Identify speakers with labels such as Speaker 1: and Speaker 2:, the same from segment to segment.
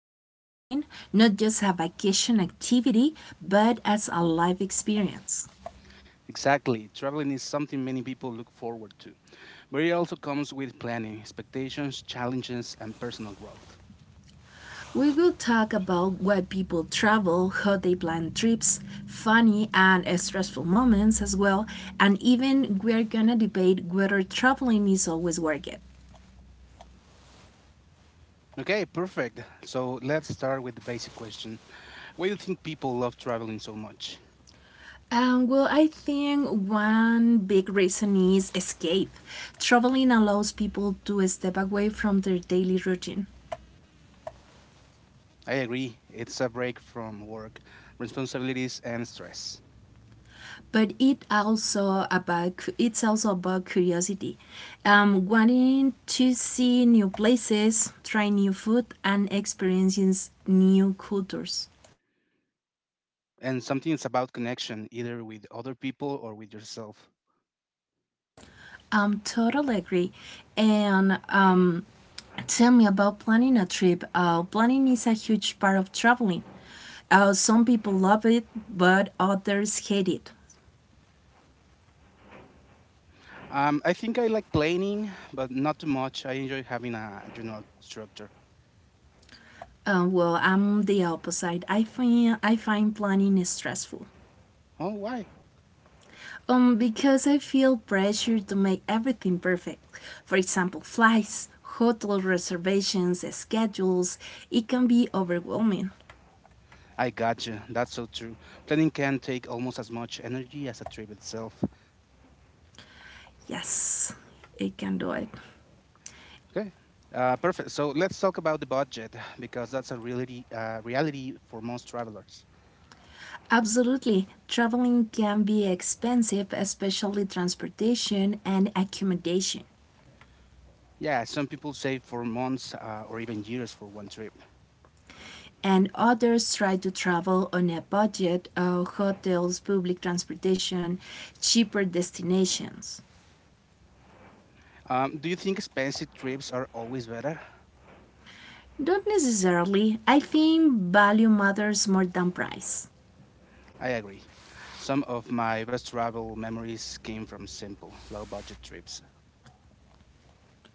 Speaker 1: about traveling, not just a vacation activity, but as a life experience.
Speaker 2: Exactly, traveling is something many people look forward to, but it also comes with planning, expectations, challenges, and personal growth.
Speaker 1: We will talk about why people travel, how they plan trips, funny and stressful moments as well, and even we're going to debate whether traveling is always worth it.
Speaker 2: Okay, perfect. So let's start with the basic question. Why do you think people love traveling so much?
Speaker 1: Well, I think one big reason is escape. Traveling allows people to step away from their daily routine.
Speaker 2: I agree, it's a break from work, responsibilities, and stress.
Speaker 1: But it's also about curiosity, wanting to see new places, try new food, and experiencing new cultures.
Speaker 2: And something is about connection, either with other people or with yourself.
Speaker 1: I'm totally agree. And tell me about planning a trip. Planning is a huge part of traveling. Some people love it, but others hate it.
Speaker 2: I think I like planning, but not too much. I enjoy having a general structure.
Speaker 1: Well, I'm the opposite. I find planning is stressful.
Speaker 2: Oh, why?
Speaker 1: Because I feel pressure to make everything perfect. For example, flights, hotel reservations, schedules. It can be overwhelming.
Speaker 2: I got you. That's so true. Planning can take almost as much energy as a trip itself.
Speaker 1: Yes, it can do it.
Speaker 2: Okay. Perfect. So let's talk about the budget because that's a reality, reality for most travelers.
Speaker 1: Absolutely. Traveling can be expensive, especially transportation and accommodation.
Speaker 2: Yeah, some people save for months or even years for one trip.
Speaker 1: And others try to travel on a budget of hotels, public transportation, cheaper destinations.
Speaker 2: Do you think expensive trips are always better?
Speaker 1: Don't necessarily. I think value matters more than price.
Speaker 2: I agree. Some of my best travel memories came from simple, low budget trips.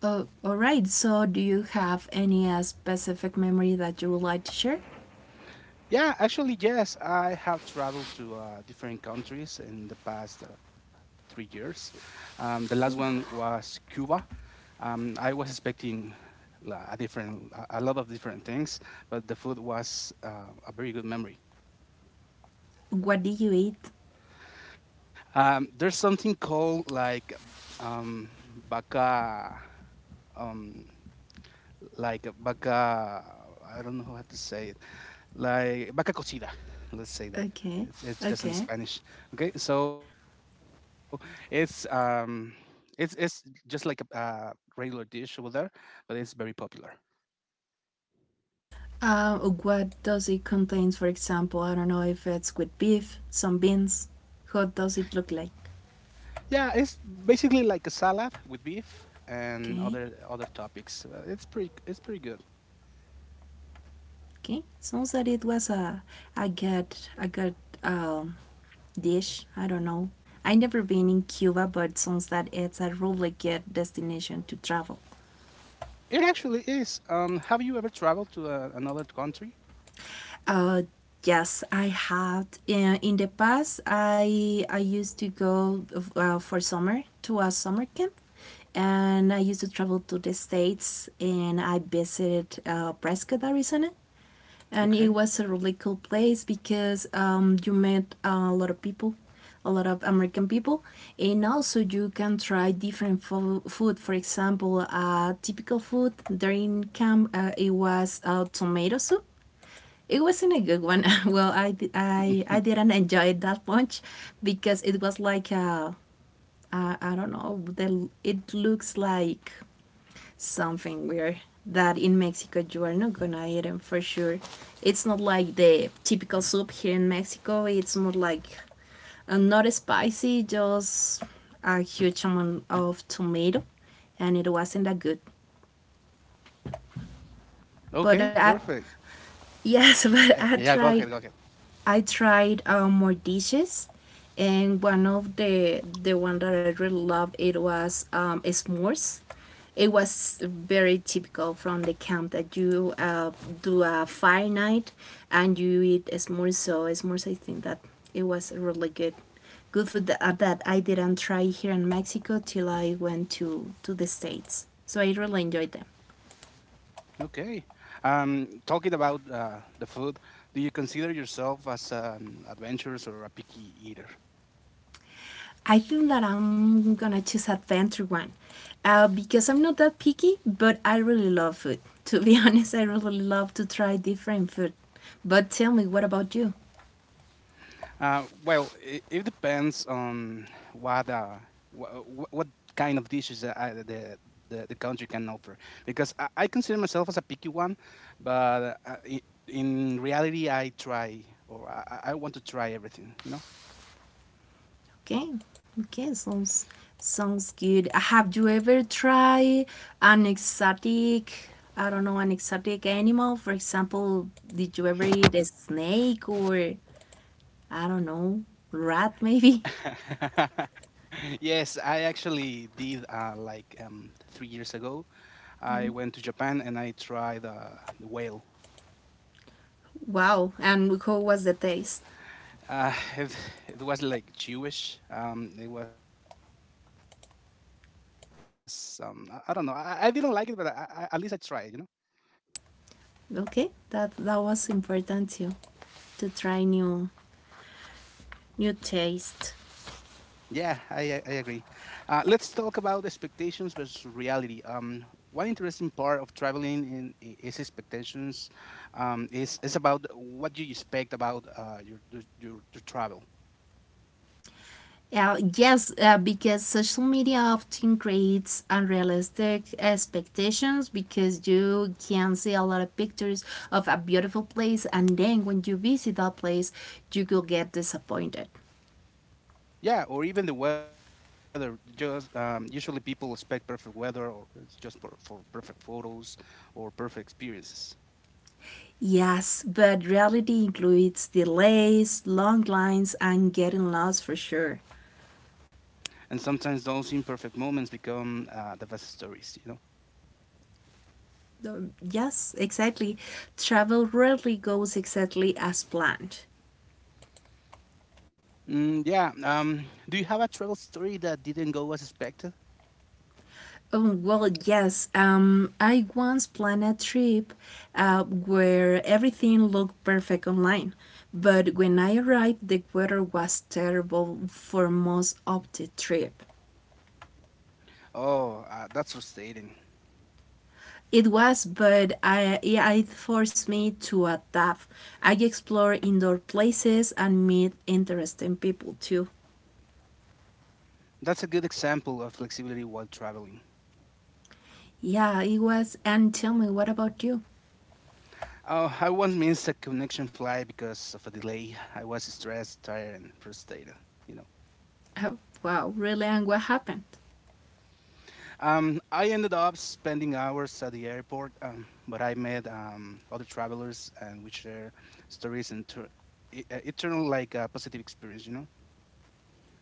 Speaker 1: All right, so do you have any specific memory that you would like to share?
Speaker 2: Yeah, actually, yes. I have traveled to different countries in the past 3 years. The last one was Cuba. I was expecting a lot of different things, but the food was a very good memory.
Speaker 1: What did you eat?
Speaker 2: There's something called like um, baca. Um, like vaca, I don't know how to say it, like vaca cocida, let's say that.
Speaker 1: Okay,
Speaker 2: It's just in
Speaker 1: okay.
Speaker 2: Spanish. Okay, so it's it's just like a regular dish over there, but it's very popular.
Speaker 1: What does it contain, for example? I don't know if it's with beef, some beans. How does it look like?
Speaker 2: Yeah, it's basically like a salad with beef and
Speaker 1: Okay,
Speaker 2: other topics. It's pretty good.
Speaker 1: okay. Sounds that it was a good, a good, um, dish. I don't know. I never been in Cuba, but sounds that it's a really good destination to travel.
Speaker 2: It actually is. Have you ever traveled to another country?
Speaker 1: Uh, yes, I had. In the past, I used to go for summer to a summer camp, and I used to travel to the states, and I visited Prescott, Arizona, and it
Speaker 2: Okay.
Speaker 1: was a really cool place because you met a lot of people. A lot of American people, and also you can try different food. For example, typical food during camp it was tomato soup, it wasn't a good one. Well, I, I, I didn't enjoy it that much because it was like, I don't know, it looks like something weird that in Mexico you are not gonna eat them for sure. It's not like the typical soup here in Mexico. It's more like not spicy, just a huge amount of tomato, and it wasn't that good. But
Speaker 2: Okay,
Speaker 1: I,
Speaker 2: perfect.
Speaker 1: yes, but
Speaker 2: Yeah, yeah, go ahead go ahead
Speaker 1: I tried more dishes, and one of the one that I really loved it was s'mores. It was very typical from the camp that you do a fire night and you eat s'mores. So s'mores, I think that it was really good, good food that, that I didn't try here in Mexico till I went to the states. So I really enjoyed them.
Speaker 2: Okay. Talking about the food, do you consider yourself as an adventurous or a picky eater?
Speaker 1: I think that I'm gonna choose adventure one because I'm not that picky, but I really love food. To be honest, I really love to try different food. But tell me, what about you?
Speaker 2: Well, it depends on what uh, what, what kind of dishes that I, the country can offer. Because I consider myself as a picky one, but in reality, I try or I want to try everything. You know.
Speaker 1: Okay, okay, sounds good. Have you ever tried an exotic? I don't know, an exotic animal. For example, did you ever eat a snake or I don't know, rat maybe?
Speaker 2: Yes, I actually did like 3 years ago. I went to Japan and I tried the whale.
Speaker 1: Wow, and how was the taste?
Speaker 2: Uh, it, it was like Jewish. I don't know. I didn't like it, but at least I tried. You know.
Speaker 1: Okay, that was important too to try new taste.
Speaker 2: Yeah, I agree. Let's talk about expectations versus reality. One interesting part of traveling is expectations. Is about what you expect about your travel.
Speaker 1: Yes, because social media often creates unrealistic expectations because you can see a lot of pictures of a beautiful place, and then when you visit that place, you will get disappointed.
Speaker 2: Yeah, or even the weather. Just usually people expect perfect weather, or it's just for perfect photos or perfect experiences.
Speaker 1: Yes, but reality includes delays, long lines, and getting lost for sure.
Speaker 2: And sometimes those imperfect moments become the best stories. You know.
Speaker 1: Yes, exactly. Travel rarely goes exactly as planned.
Speaker 2: Mm, yeah. Do you have a travel story that didn't go as expected?
Speaker 1: Oh, well, yes. I once planned a trip where everything looked perfect online, but when I arrived, the weather was terrible for most of the trip.
Speaker 2: Oh, that's frustrating.
Speaker 1: It was, but I, yeah, it forced me to adapt. I explored indoor places and meet interesting people too.
Speaker 2: That's a good example of flexibility while traveling.
Speaker 1: Yeah, it was. And tell me, what about you?
Speaker 2: Oh, I once missed a connection flight because of a delay. I was stressed, tired, and frustrated. You know.
Speaker 1: Oh, wow, really? And what happened?
Speaker 2: I ended up spending hours at the airport, but I met other travelers and we share stories and it turned like a positive experience, you know?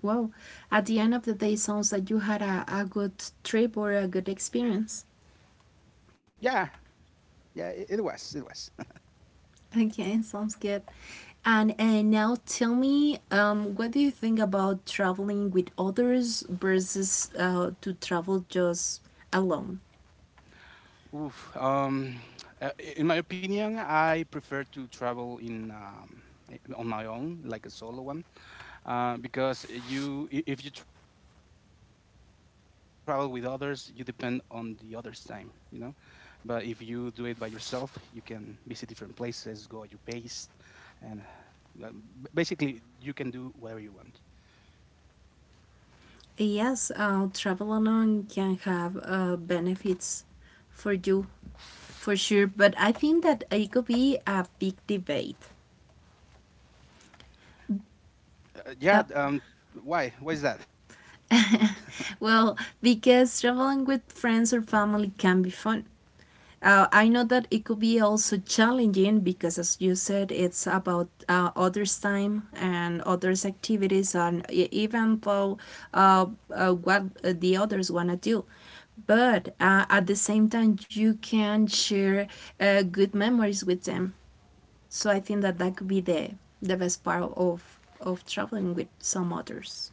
Speaker 1: Wow. At the end of the day, sounds like you had a good trip or a good experience.
Speaker 2: Yeah, yeah, it was.
Speaker 1: Okay, sounds good. And now tell me, what do you think about traveling with others versus to travel just alone?
Speaker 2: Oof. Uh, in my opinion, I prefer to travel in on my own, like a solo one because if you travel with others you depend on the others time, you know. But if you do it by yourself, you can visit different places, go at your pace, and basically you can do whatever you want.
Speaker 1: Yes, travel alone can have benefits for you, for sure. But I think that it could be a big debate.
Speaker 2: uh, yeah
Speaker 1: Uh,
Speaker 2: um, why is that?
Speaker 1: well, because traveling with friends or family can be fun. I know that it could be also challenging because, as you said, it's about others' time and others' activities, and even though uh, what the others want to do. But at the same time, you can share good memories with them. So I think that that could be the best part of traveling with some others.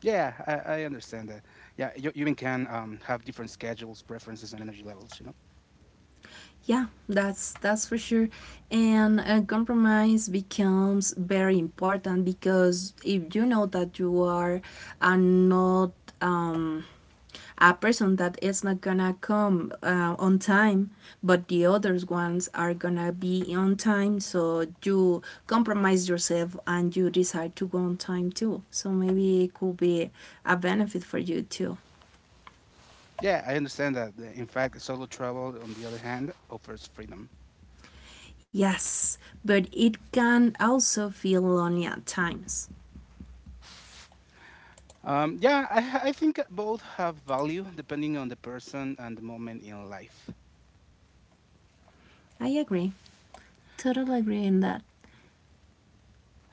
Speaker 2: Yeah, I understand that. Yeah, you and can have different schedules, preferences, and energy levels. You know.
Speaker 1: Yeah, that's for sure. And a compromise becomes very important because if you know that you are not, um, a person that is not gonna come on time, but the others ones are gonna be on time, so you compromise yourself and you decide to go on time too. So maybe it could be a benefit for you too.
Speaker 2: Yeah, I understand that. In fact, solo travel, on the other hand, offers freedom.
Speaker 1: Yes, but it can also feel lonely at times.
Speaker 2: Yeah, I think both have value depending on the person and the moment in life.
Speaker 1: I agree. Totally agree in that.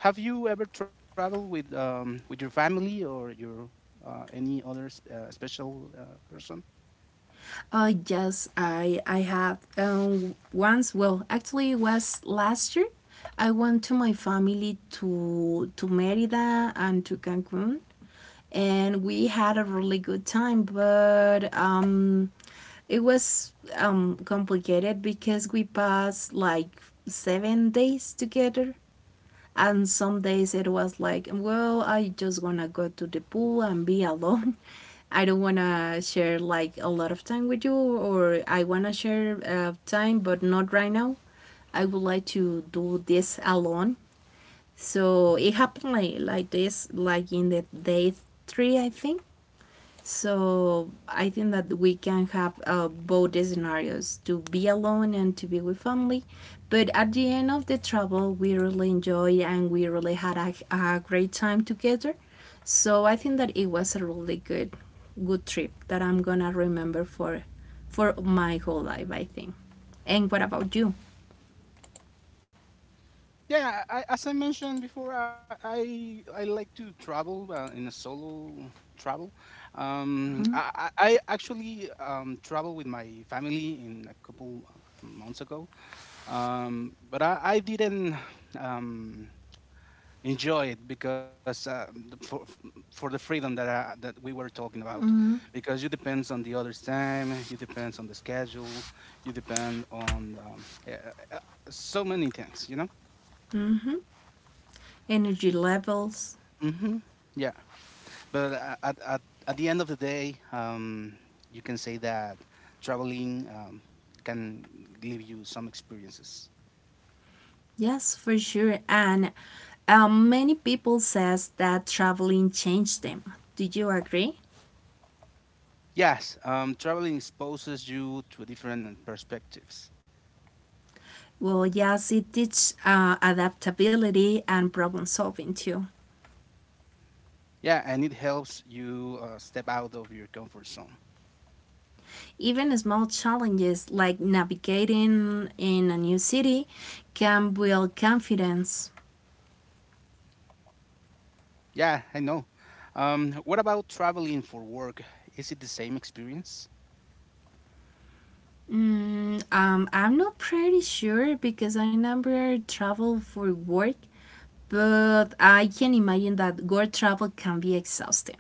Speaker 2: Have you ever traveled with your family or your any other special person?
Speaker 1: Oh yes, I have once. Well, actually, it was last year. I went to my family to Merida and to Cancun, and we had a really good time. But it was complicated because we passed like 7 days together. And some days it was like, well, I just want to go to the pool and be alone. I don't want to share like a lot of time with you, or I want to share time, but not right now. I would like to do this alone. So it happened like this, like in the day three, I think. So I think that we can have both the scenarios to be alone and to be with family. But at the end of the travel, we really enjoyed and we really had a great time together. So I think that it was a really good, good trip that I'm gonna remember for my whole life. I think. And what about you?
Speaker 2: Yeah, I, as I mentioned before, I like to travel in a solo travel. I actually traveled with my family in a couple months ago, but I didn't um, enjoy it because the- for for the freedom that that we were talking about, because you depends on the other's time, you depends on the schedule, you depend on so many things, you know.
Speaker 1: Energy levels?
Speaker 2: Hmm But at at at the end of the day, you can say that traveling can give you some experiences.
Speaker 1: Yes, for sure. And many people says that traveling changed them. Do you agree?
Speaker 2: Yes, traveling exposes you to different perspectives.
Speaker 1: Well, yes, it teaches adaptability and problem solving too.
Speaker 2: Yeah, and it helps you step out of your comfort zone.
Speaker 1: Even small challenges like navigating in a new city can build confidence.
Speaker 2: Yeah, I know. What about traveling for work? Is it the same experience?
Speaker 1: Mm, I'm not pretty sure because I never travel for work, but I can imagine that work travel can be exhausting.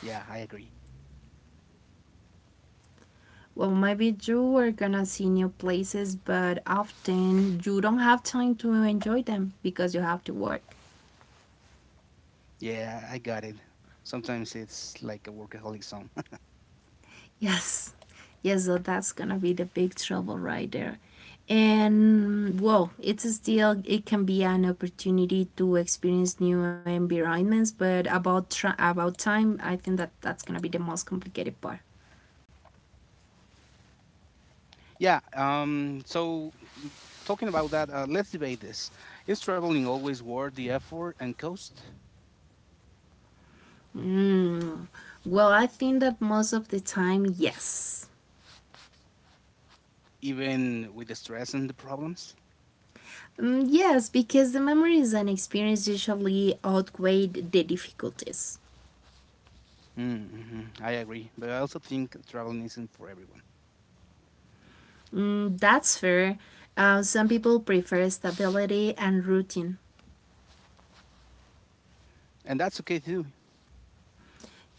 Speaker 2: Yeah, I agree.
Speaker 1: Well, maybe you are gonna see new places, but often you don't have time to enjoy them because you have to work.
Speaker 2: Yeah, I got it. Sometimes it's like a workaholic zone.
Speaker 1: Yes. Yes, so that's gonna be the big trouble right there. And whoa, it's still it can be an opportunity to experience new environments, but about about time, I think that that's gonna be the most complicated part.
Speaker 2: Yeah. So, l- talking about that, let's debate this. Is traveling always worth the effort and cost,
Speaker 1: Mm. Well, I think that most of the time, yes.
Speaker 2: even with the stress and the problems?
Speaker 1: Mm, yes, because the memories and experience usually outweigh the difficulties.
Speaker 2: Mm, mm-hmm. I agree. But I also think traveling isn't for everyone.
Speaker 1: Mm, that's fair. Some people prefer stability and routine.
Speaker 2: And that's okay too.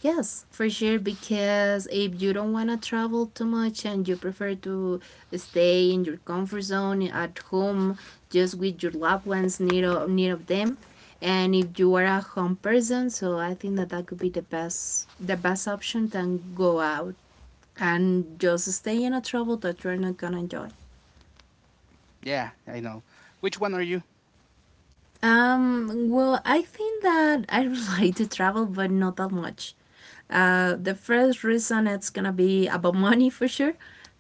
Speaker 1: Yes, for sure. Because if you don't want to travel too much and you prefer to stay in your comfort zone at home, just with your loved ones near of them, and if you are a home person, so I think that that could be the best option than go out and just stay in a travel that you're not gonna enjoy.
Speaker 2: Yeah, I know. Which one are you?
Speaker 1: Well, I think that I would like to travel, but not that much. The first reason it's gonna be about money for sure,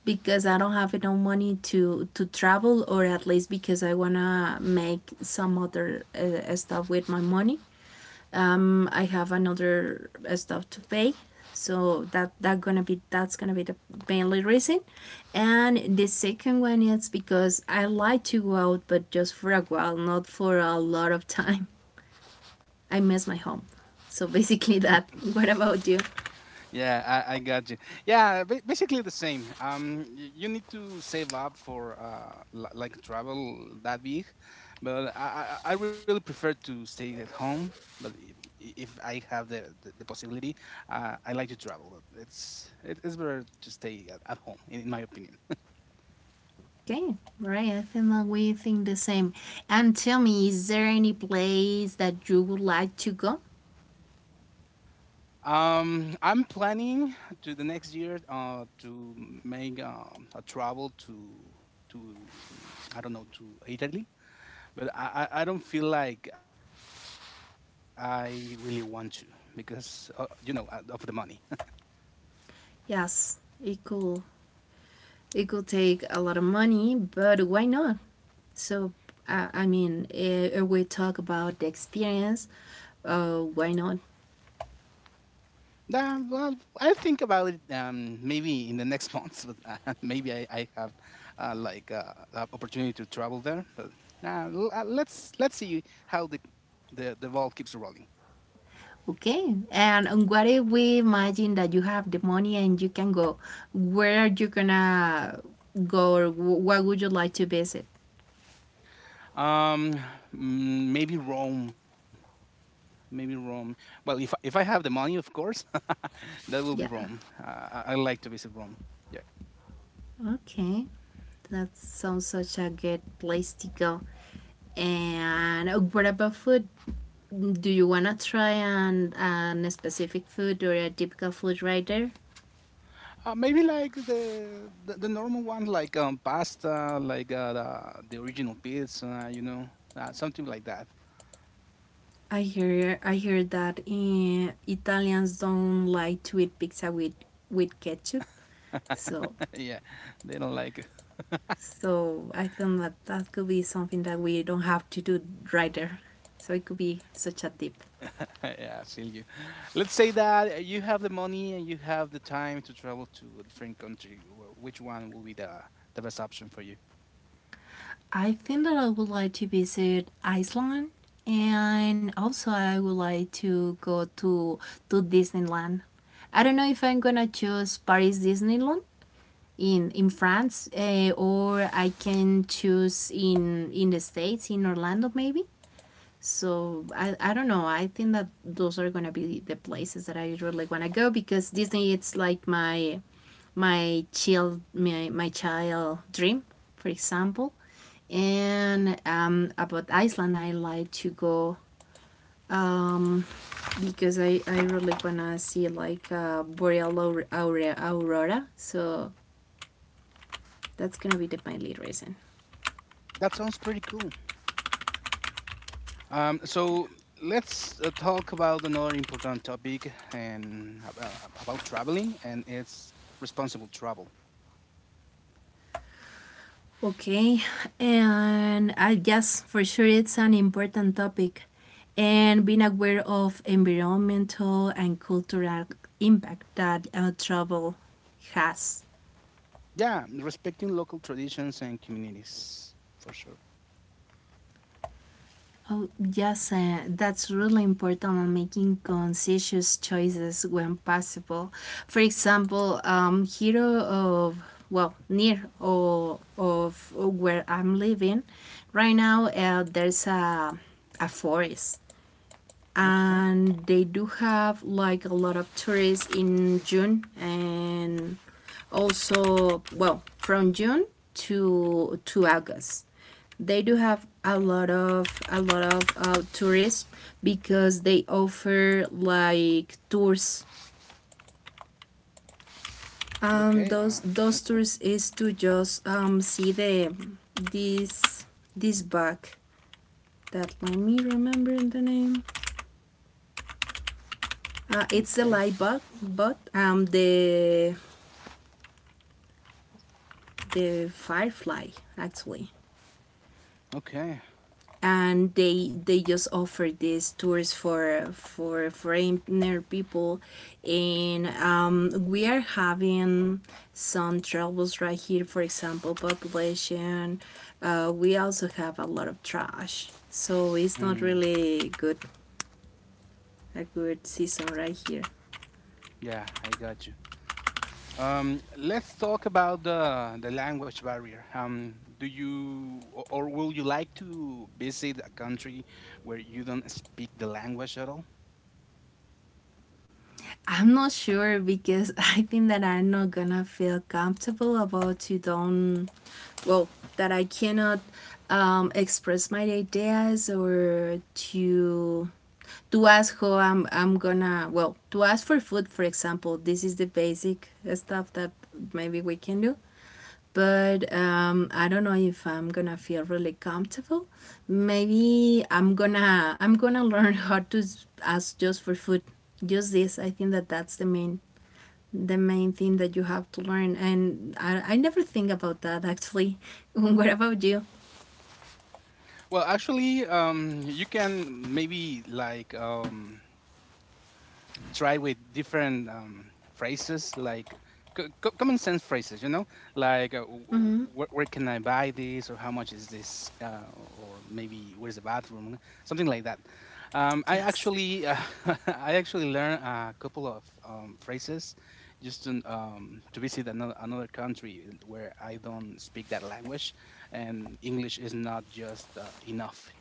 Speaker 1: because I don't have enough money to travel, or at least because I wanna make some other stuff with my money. I have another stuff to pay, so that's gonna be the mainly reason. And the second one is because I like to go out, but just for a while, not for a lot of time. I miss my home. So basically that. What about you?
Speaker 2: Yeah, I got you. Yeah, basically the same. You need to save up for like travel that big, but I really prefer to stay at home. But if I have the possibility, I like to travel. It's better to stay at home, in my opinion.
Speaker 1: Okay, right. I think that we think the same. And tell me, is there any place that you would like to go?
Speaker 2: I'm planning to the next year to make a travel to I don't know, to Italy, but I don't feel like I really want to, because you know, of the money.
Speaker 1: Yes, it could It could take a lot of money, but why not? So, I mean, we talk about the experience. Why not?
Speaker 2: Nah, well, I think about it maybe in the next months, but maybe I have opportunity to travel there. But let's see how the ball keeps rolling.
Speaker 1: Okay. And what if we imagine that you have the money and you can go? Where are you gonna go? Or what would you like to visit?
Speaker 2: Um, Maybe Rome. Maybe Rome. Well, if I have the money, of course, that will be Rome.
Speaker 1: Yeah.
Speaker 2: I like to visit Rome.
Speaker 1: Okay. That sounds such a good place to go. And what about food? Do you wanna try an specific food or a typical food right there?
Speaker 2: Maybe like the normal ones, like pasta, like the original pizza, you know, something like that.
Speaker 1: I hear that Italians don't like to eat pizza with ketchup. So
Speaker 2: Yeah, they don't like it.
Speaker 1: so I think that that could be something that we don't have to do right there. So it could be such a tip.
Speaker 2: Yeah, I feel you. Let's say that you have the money and you have the time to travel to a different country. Which one will be the best option for you?
Speaker 1: I think that I would like to visit Iceland, and also I would like to go to Disneyland. I don't know if I'm gonna choose Paris Disneyland in France, or I can choose in the states in Orlando maybe. So I don't know. I think that those are gonna be the places that I really wanna go because Disney it's like my child my child dream, for example. And about Iceland, I like to go um, because I really wanna see like aurora. So that's gonna be my lead reason.
Speaker 2: That sounds pretty cool. So let's talk about another important topic about traveling, and it's responsible travel.
Speaker 1: Okay, and I guess for sure it's an important topic, and being aware of environmental and cultural impact that travel has.
Speaker 2: Yeah, respecting local traditions and communities for sure.
Speaker 1: Oh, yes, that's really important on making conscious choices when possible. For example, here of well near or of where I'm living right now, there's a forest,
Speaker 2: Okay,
Speaker 1: and they do have like a lot of tourists in June, and also well from June to August. They do have a lot of tourists because they offer like tours. And
Speaker 2: okay,
Speaker 1: those those tours is to just see the this this bug that, let me remember the name. It's the
Speaker 2: okay,
Speaker 1: light bug, but the Firefly actually,
Speaker 2: okay.
Speaker 1: and they just offer these tours for foreigner people, and we are having some troubles right here. For example, population. We also have a lot of trash, so it's not
Speaker 2: Mm,
Speaker 1: really good a good season right here.
Speaker 2: yeah, I got you. Let's talk about the language barrier. Do you or will you like to visit a country where you don't speak the language at all?
Speaker 1: I'm not sure because I think that I'm not gonna feel comfortable about to don't, well, that I cannot express my ideas, or to to ask how I'm gonna, well, to ask for food, for example. This is the basic stuff that maybe we can do, but I don't know if I'm gonna feel really comfortable. Maybe I'm gonna learn how to ask just for food, just this. I think that that's the main thing that you have to learn. And I never think about that actually. What about you?
Speaker 2: Well, actually, you can maybe like try with different phrases, like common sense phrases, you know, like where can I buy this, or how much is this, or maybe where's the bathroom, something like that. I
Speaker 1: Yes.
Speaker 2: actually I actually learned a couple of phrases just to visit another country where I don't speak that language, and English is not just enough,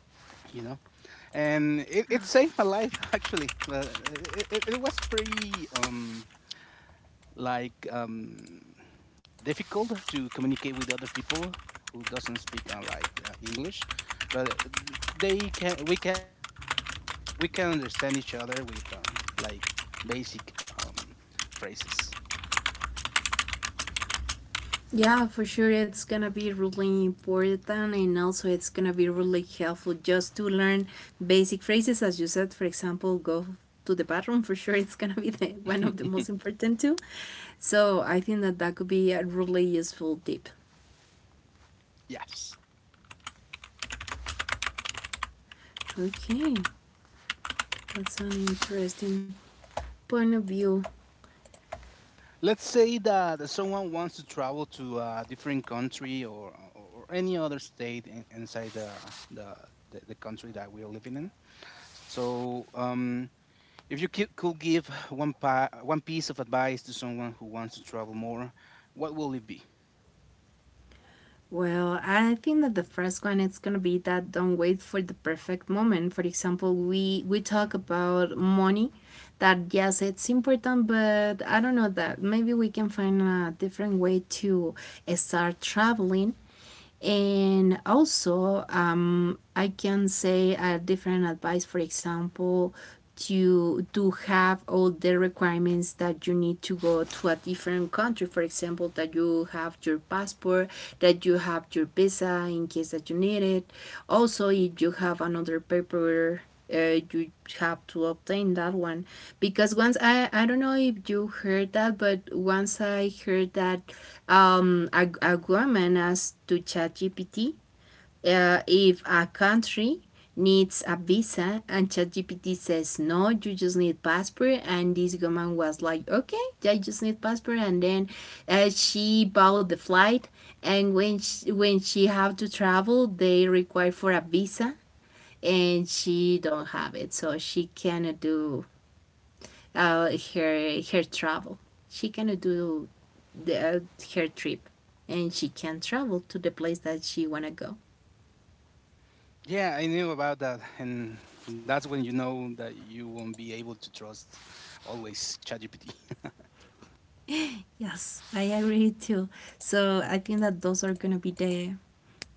Speaker 2: you know. And it saved my life actually. Well, it was pretty like um difficult to communicate with other people who doesn't speak English. But they can we can we can understand each other with like basic phrases.
Speaker 1: Yeah, for sure, it's gonna be really important, and also it's gonna be really helpful just to learn basic phrases, as you said. For example, go to the bathroom. For sure, it's gonna be one of the most important too. So I think that that could be a really useful tip.
Speaker 2: Yes.
Speaker 1: Okay, that's an interesting point of view.
Speaker 2: Let's say that someone wants to travel to a different country, or any other state inside the, the country that we're living in. So, if you could give one piece of advice to someone who wants to travel more, what will it be?
Speaker 1: Well, I think that the first one is gonna be that don't wait for the perfect moment. For example, we talk about money, that yes, it's important, but I don't know that maybe we can find a different way to start traveling. And also, I can say a different advice. For example, you do have all the requirements that you need to go to a different country. For example, that you have your passport, that you have your visa in case that you need it, also if you have another paper, you have to obtain that one. Because once, I don't know if you heard that, but once I heard that a woman asked to ChatGPT, if a country needs a visa, and ChatGPT says no, you just need passport, and this woman was like, okay, yeah, I just need passport, and then she bought the flight, and when she have to travel, they require for a visa, and she don't have it, so she cannot do her her travel. She cannot do the, uh, her trip, and she can't travel to the place that she wanna go.
Speaker 2: Yeah, I knew about that. And that's when you know that you won't be able to trust always ChatGPT.
Speaker 1: Yes, I agree too. So I think that those are gonna be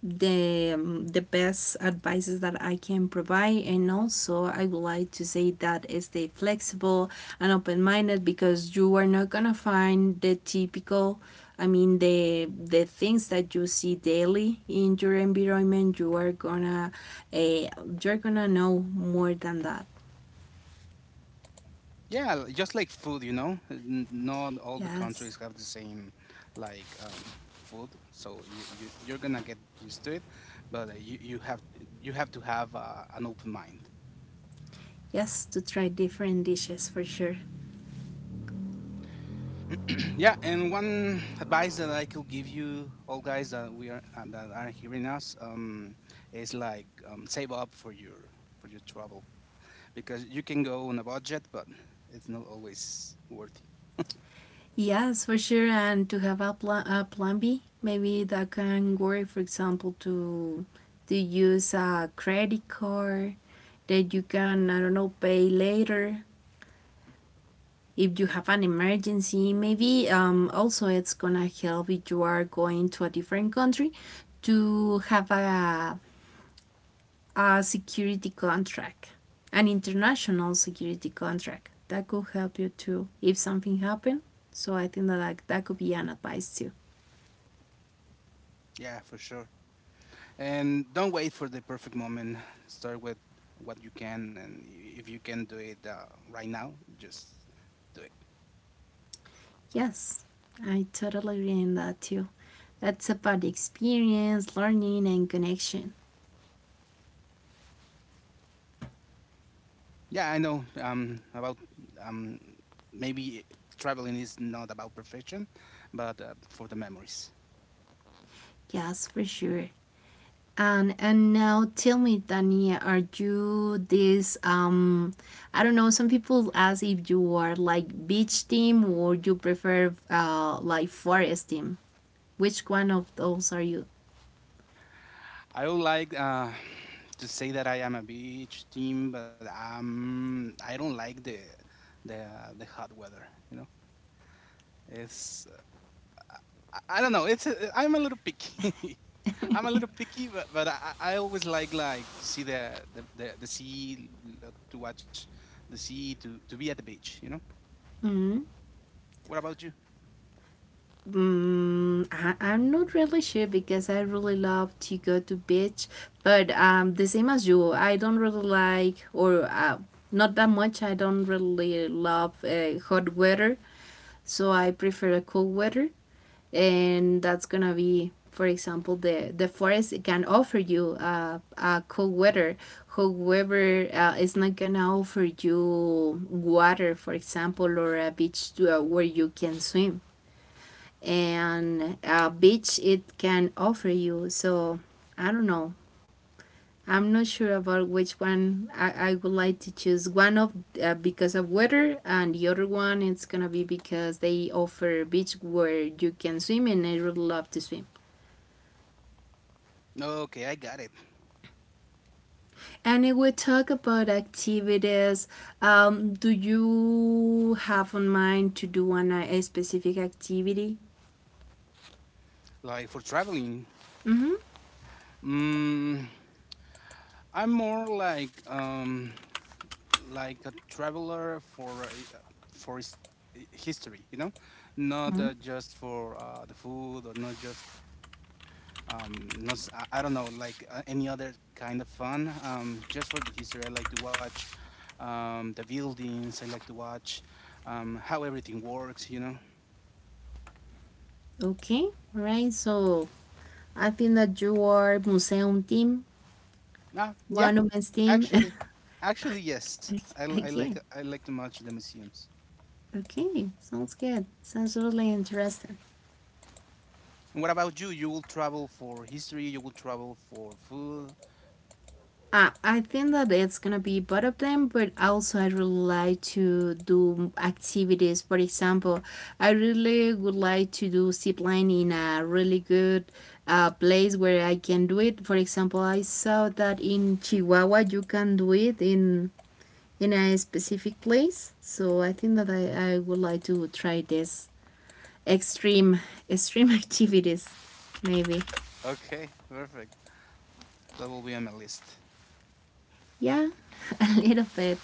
Speaker 1: the best advices that I can provide, and also I would like to say that stay flexible and open minded because you are not gonna find the typical. I mean the things that you see daily in your environment. You are gonna uh, you're gonna know more than that.
Speaker 2: Yeah, just like food, you know. Not all the
Speaker 1: Yes,
Speaker 2: countries have the same, like food, so you you're gonna get used to it, but you you have to have an open mind.
Speaker 1: yes, to try different dishes for sure.
Speaker 2: Yeah, and one advice that I could give you all guys that we are that are hearing us, is like, save up for your travel, because you can go on a budget, but it's not always worthy.
Speaker 1: Yes, for sure. And to have a plan B, maybe that can work, for example, to use a credit card that you can, I don't know, pay later if you have an emergency. Maybe also it's gonna help if you are going to a different country to have a security contract, an international security contract. That could help you too if something happened. So I think that like, that could be an advice too.
Speaker 2: Yeah, for sure. And don't wait for the perfect moment. Start with what you can, and if you can do it right now, just do it.
Speaker 1: Yes, I totally agree on that too. That's about the experience, learning, and connection.
Speaker 2: Yeah, I know. About um, maybe traveling is not about perfection, but for the memories.
Speaker 1: Yes, for sure. And now tell me, Dani, are you this I don't know, some people ask if you are like beach team or you prefer like forest team. Which one of those are you?
Speaker 2: I would like to say that I am a beach team, but I don't like the the hot weather. You know, it's I don't know. It's a, I'm a little picky. I'm a little picky, but, but I always like to see the sea, to watch the sea, to be at the beach. You know. What about you?
Speaker 1: Mm, I'm not really sure because I really love to go to beach, but the same as you, I don't really like or not that much. I don't really love hot weather, so I prefer a cool weather, and that's gonna be, for example, the forest can offer you a cool weather. However, it's not gonna offer you water, for example, or a beach to, where you can swim, and a beach it can offer you. So I don't know. I'm not sure about which one I would like to choose. One of because of weather, and the other one it's gonna be because they offer beach where you can swim, and I really love to swim.
Speaker 2: Okay, I got it.
Speaker 1: And if we talk about activities, do you have on mind to do a specific activity?
Speaker 2: Like for traveling.
Speaker 1: Mm-hmm.
Speaker 2: Mm. I'm more like a traveler for for his, history, you know, not
Speaker 1: Mm-hmm.
Speaker 2: just for the food, or not just not s- I don't know, like any other kind of fun. Just for the history, I like to watch the buildings. I like to watch how everything works, you know.
Speaker 1: Okay, all right. So I think that you are museum team.
Speaker 2: Ah, yeah.
Speaker 1: One woman's team.
Speaker 2: Actually, actually, yes.
Speaker 1: Okay,
Speaker 2: I like to much the museums.
Speaker 1: Okay. Sounds good. Sounds really interesting.
Speaker 2: And what about you? You will travel for history. You will travel for food.
Speaker 1: I think that it's gonna be both of them, but also I really like to do activities. For example, I really would like to do zip line in a really good place where I can do it. For example, I saw that in Chihuahua you can do it in a specific place. So I think that I would like to try this extreme extreme activities maybe.
Speaker 2: Okay, perfect. That will be on my list.
Speaker 1: Yeah, a little bit.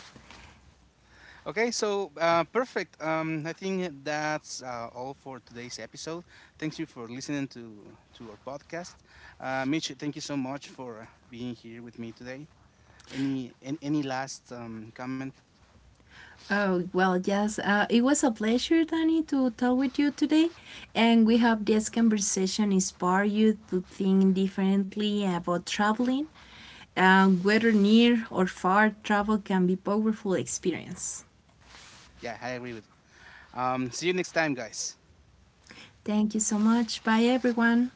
Speaker 2: Okay, so perfect. I think that's all for today's episode. Thank you for listening to our podcast. Mitch, thank you so much for being here with me today. Any any last comment?
Speaker 1: Oh, well, yes, it was a pleasure, Danny, to talk with you today, and we hope this conversation inspire you to think differently about traveling. Whether near or far, travel can be a powerful experience.
Speaker 2: Yeah, I agree with. See you next time, guys.
Speaker 1: Thank you so much. Bye, everyone.